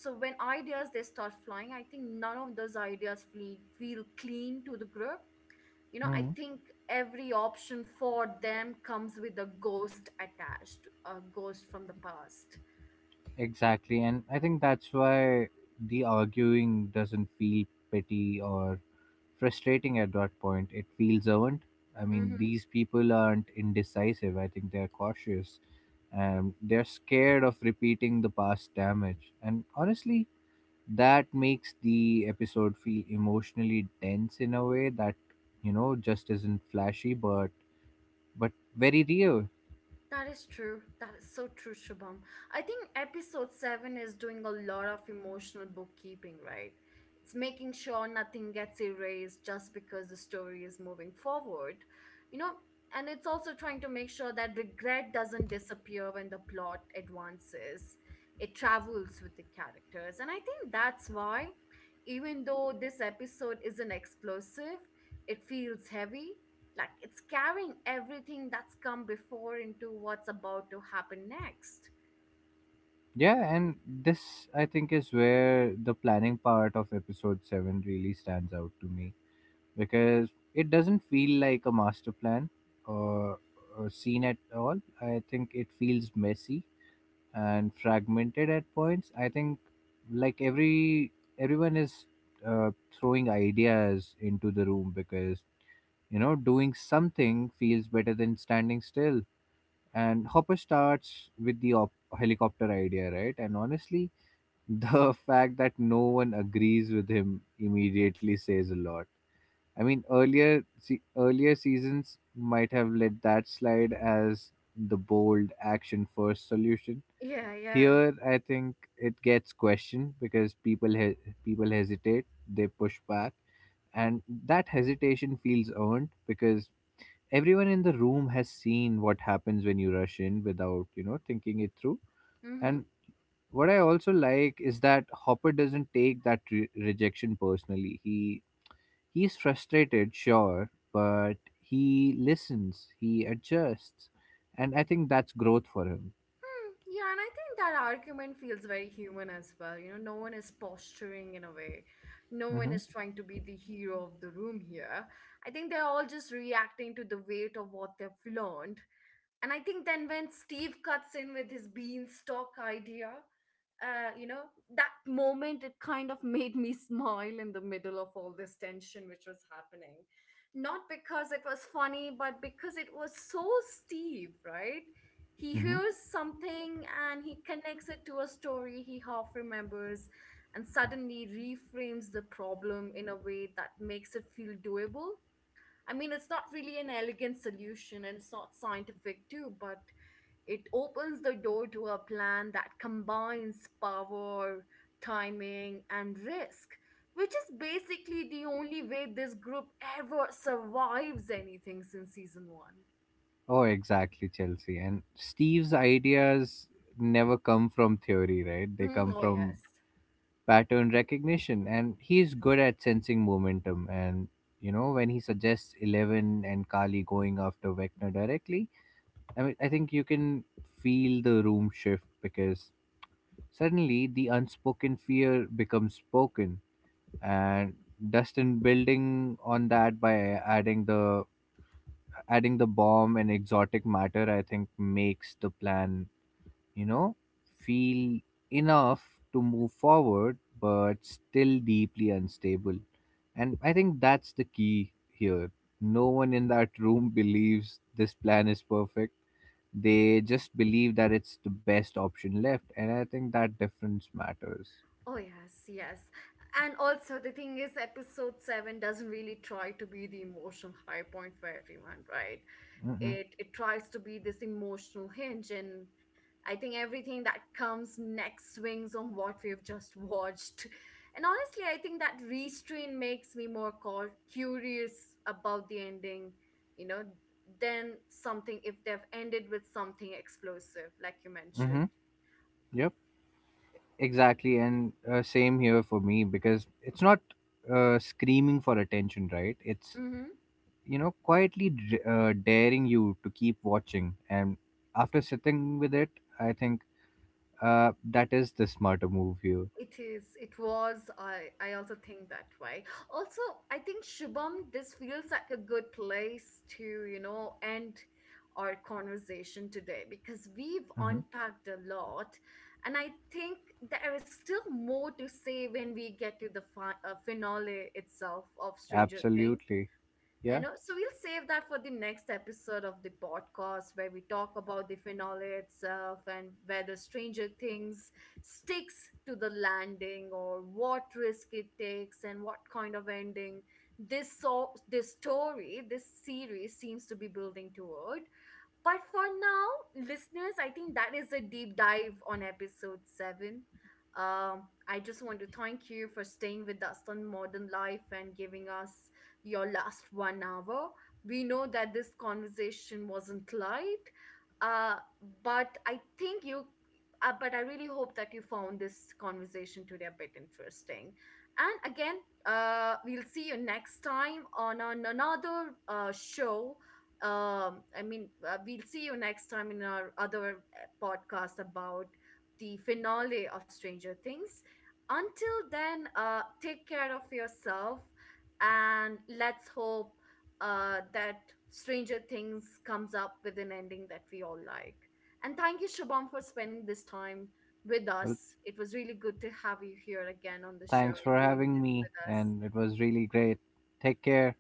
so when ideas they start flying, I think none of those ideas feel clean to the group. You know, I think every option for them comes with a ghost attached, a ghost from the past.
Exactly, and I think that's why the arguing doesn't feel petty or frustrating at that point. It feels earned. I mean,
Mm-hmm.
these people aren't indecisive. I think they're cautious and they're scared of repeating the past damage. And honestly, that makes the episode feel emotionally dense in a way that just isn't flashy, but very real.
That is true. That is so true, Shubham. I think episode 7 is doing a lot of emotional bookkeeping, right? It's making sure nothing gets erased just because the story is moving forward. You know, and it's also trying to make sure that regret doesn't disappear when the plot advances. It travels with the characters. And I think that's why, even though this episode isn't explosive, it feels heavy like it's carrying everything that's come before into what's about to happen next.
Yeah, and this I think is where the planning part of episode 7 really stands out to me because it doesn't feel like a master plan or, or scene at all. I think it feels messy and fragmented at points. I think like everyone is uh, throwing ideas into the room because doing something feels better than standing still. And Hopper starts with the helicopter idea, right? And honestly, the fact that no one agrees with him immediately says a lot. I mean, earlier seasons might have let that slide as the bold action first solution.
Yeah, yeah.
Here, I think it gets questioned because people hesitate, they push back, and that hesitation feels earned because everyone in the room has seen what happens when you rush in without thinking it through.
Mm-hmm.
And what I also like is that Hopper doesn't take that rejection personally. He he's frustrated, sure, but he listens, he adjusts, and I think that's growth for him.
Hmm, yeah, and I think that argument feels very human as well. You know, no one is posturing in a way, no one
Hmm.
is trying to be the hero of the room here. I think they're all just reacting to the weight of what they've learned. And I think then when Steve cuts in with his beanstalk idea, you know, that moment it kind of made me smile in the middle of all this tension which was happening. Not because it was funny, but because it was so Steve, right? He
Hmm.
hears something and he connects it to a story he half remembers and suddenly reframes the problem in a way that makes it feel doable. I mean, it's not really an elegant solution and it's not scientific too, but it opens the door to a plan that combines power, timing, and risk, which is basically the only way this group ever survives anything since season one.
Oh, exactly, Chelsea. And Steve's ideas never come from theory, right? They
Mhm.
come
Oh, yes.
from pattern recognition, and he's good at sensing momentum. And you know, when he suggests Eleven and Kali going after Vecna directly, I mean, I think you can feel the room shift because suddenly the unspoken fear becomes spoken, and Dustin building on that by adding the adding the bomb and exotic matter, I think makes the plan you know feel enough to move forward, but still deeply unstable. And I think that's the key here. No one in that room believes this plan is perfect, they just believe that it's the best option left, and I think that difference matters.
Oh, yes, yes. And also, the thing is, episode 7 doesn't really try to be the emotional high point for everyone, right?
Mm-hmm.
It tries to be this emotional hinge, and I think everything that comes next swings on what we've just watched. And honestly, I think that restraint makes me more curious about the ending, you know, than something if they've ended with something explosive, like you
Mm-hmm.
mentioned.
Yep. Exactly, and same here for me because it's not screaming for attention, right? It's
Mm-hmm.
quietly daring you to keep watching, and after sitting with it, I think that is the smarter move here.
It is. It was. I also think that way. Also, I think Shubham, this feels like a good place to, you know, end our conversation today because we've
Mm-hmm.
unpacked a lot, and I think there is still more to say when we get to the finale itself of Stranger Things.
Absolutely.
You
Yeah.
know, so we'll save that for the next episode of the podcast where we talk about the finale itself and whether Stranger Things sticks to the landing, or what risk it takes and what kind of ending this story this series seems to be building toward. But for now, listeners, I think that is a deep dive on episode seven. I just want to thank you for staying with us on Modern Life and giving us your last 1 hour. We know that this conversation wasn't light, uh, but I think you, but I really hope that you found this conversation today a bit interesting. And again, we'll see you next time on another show. We'll see you next time in our other podcast about the finale of Stranger Things. Until then, take care of yourself, and let's hope that Stranger Things comes up with an ending that we all like. And thank you, Shabam, for spending this time with
Well,
us. It was really good to have you here again on the show
thanks
and
for
doing
having
this
me,
with us.
and it was really great. Take care.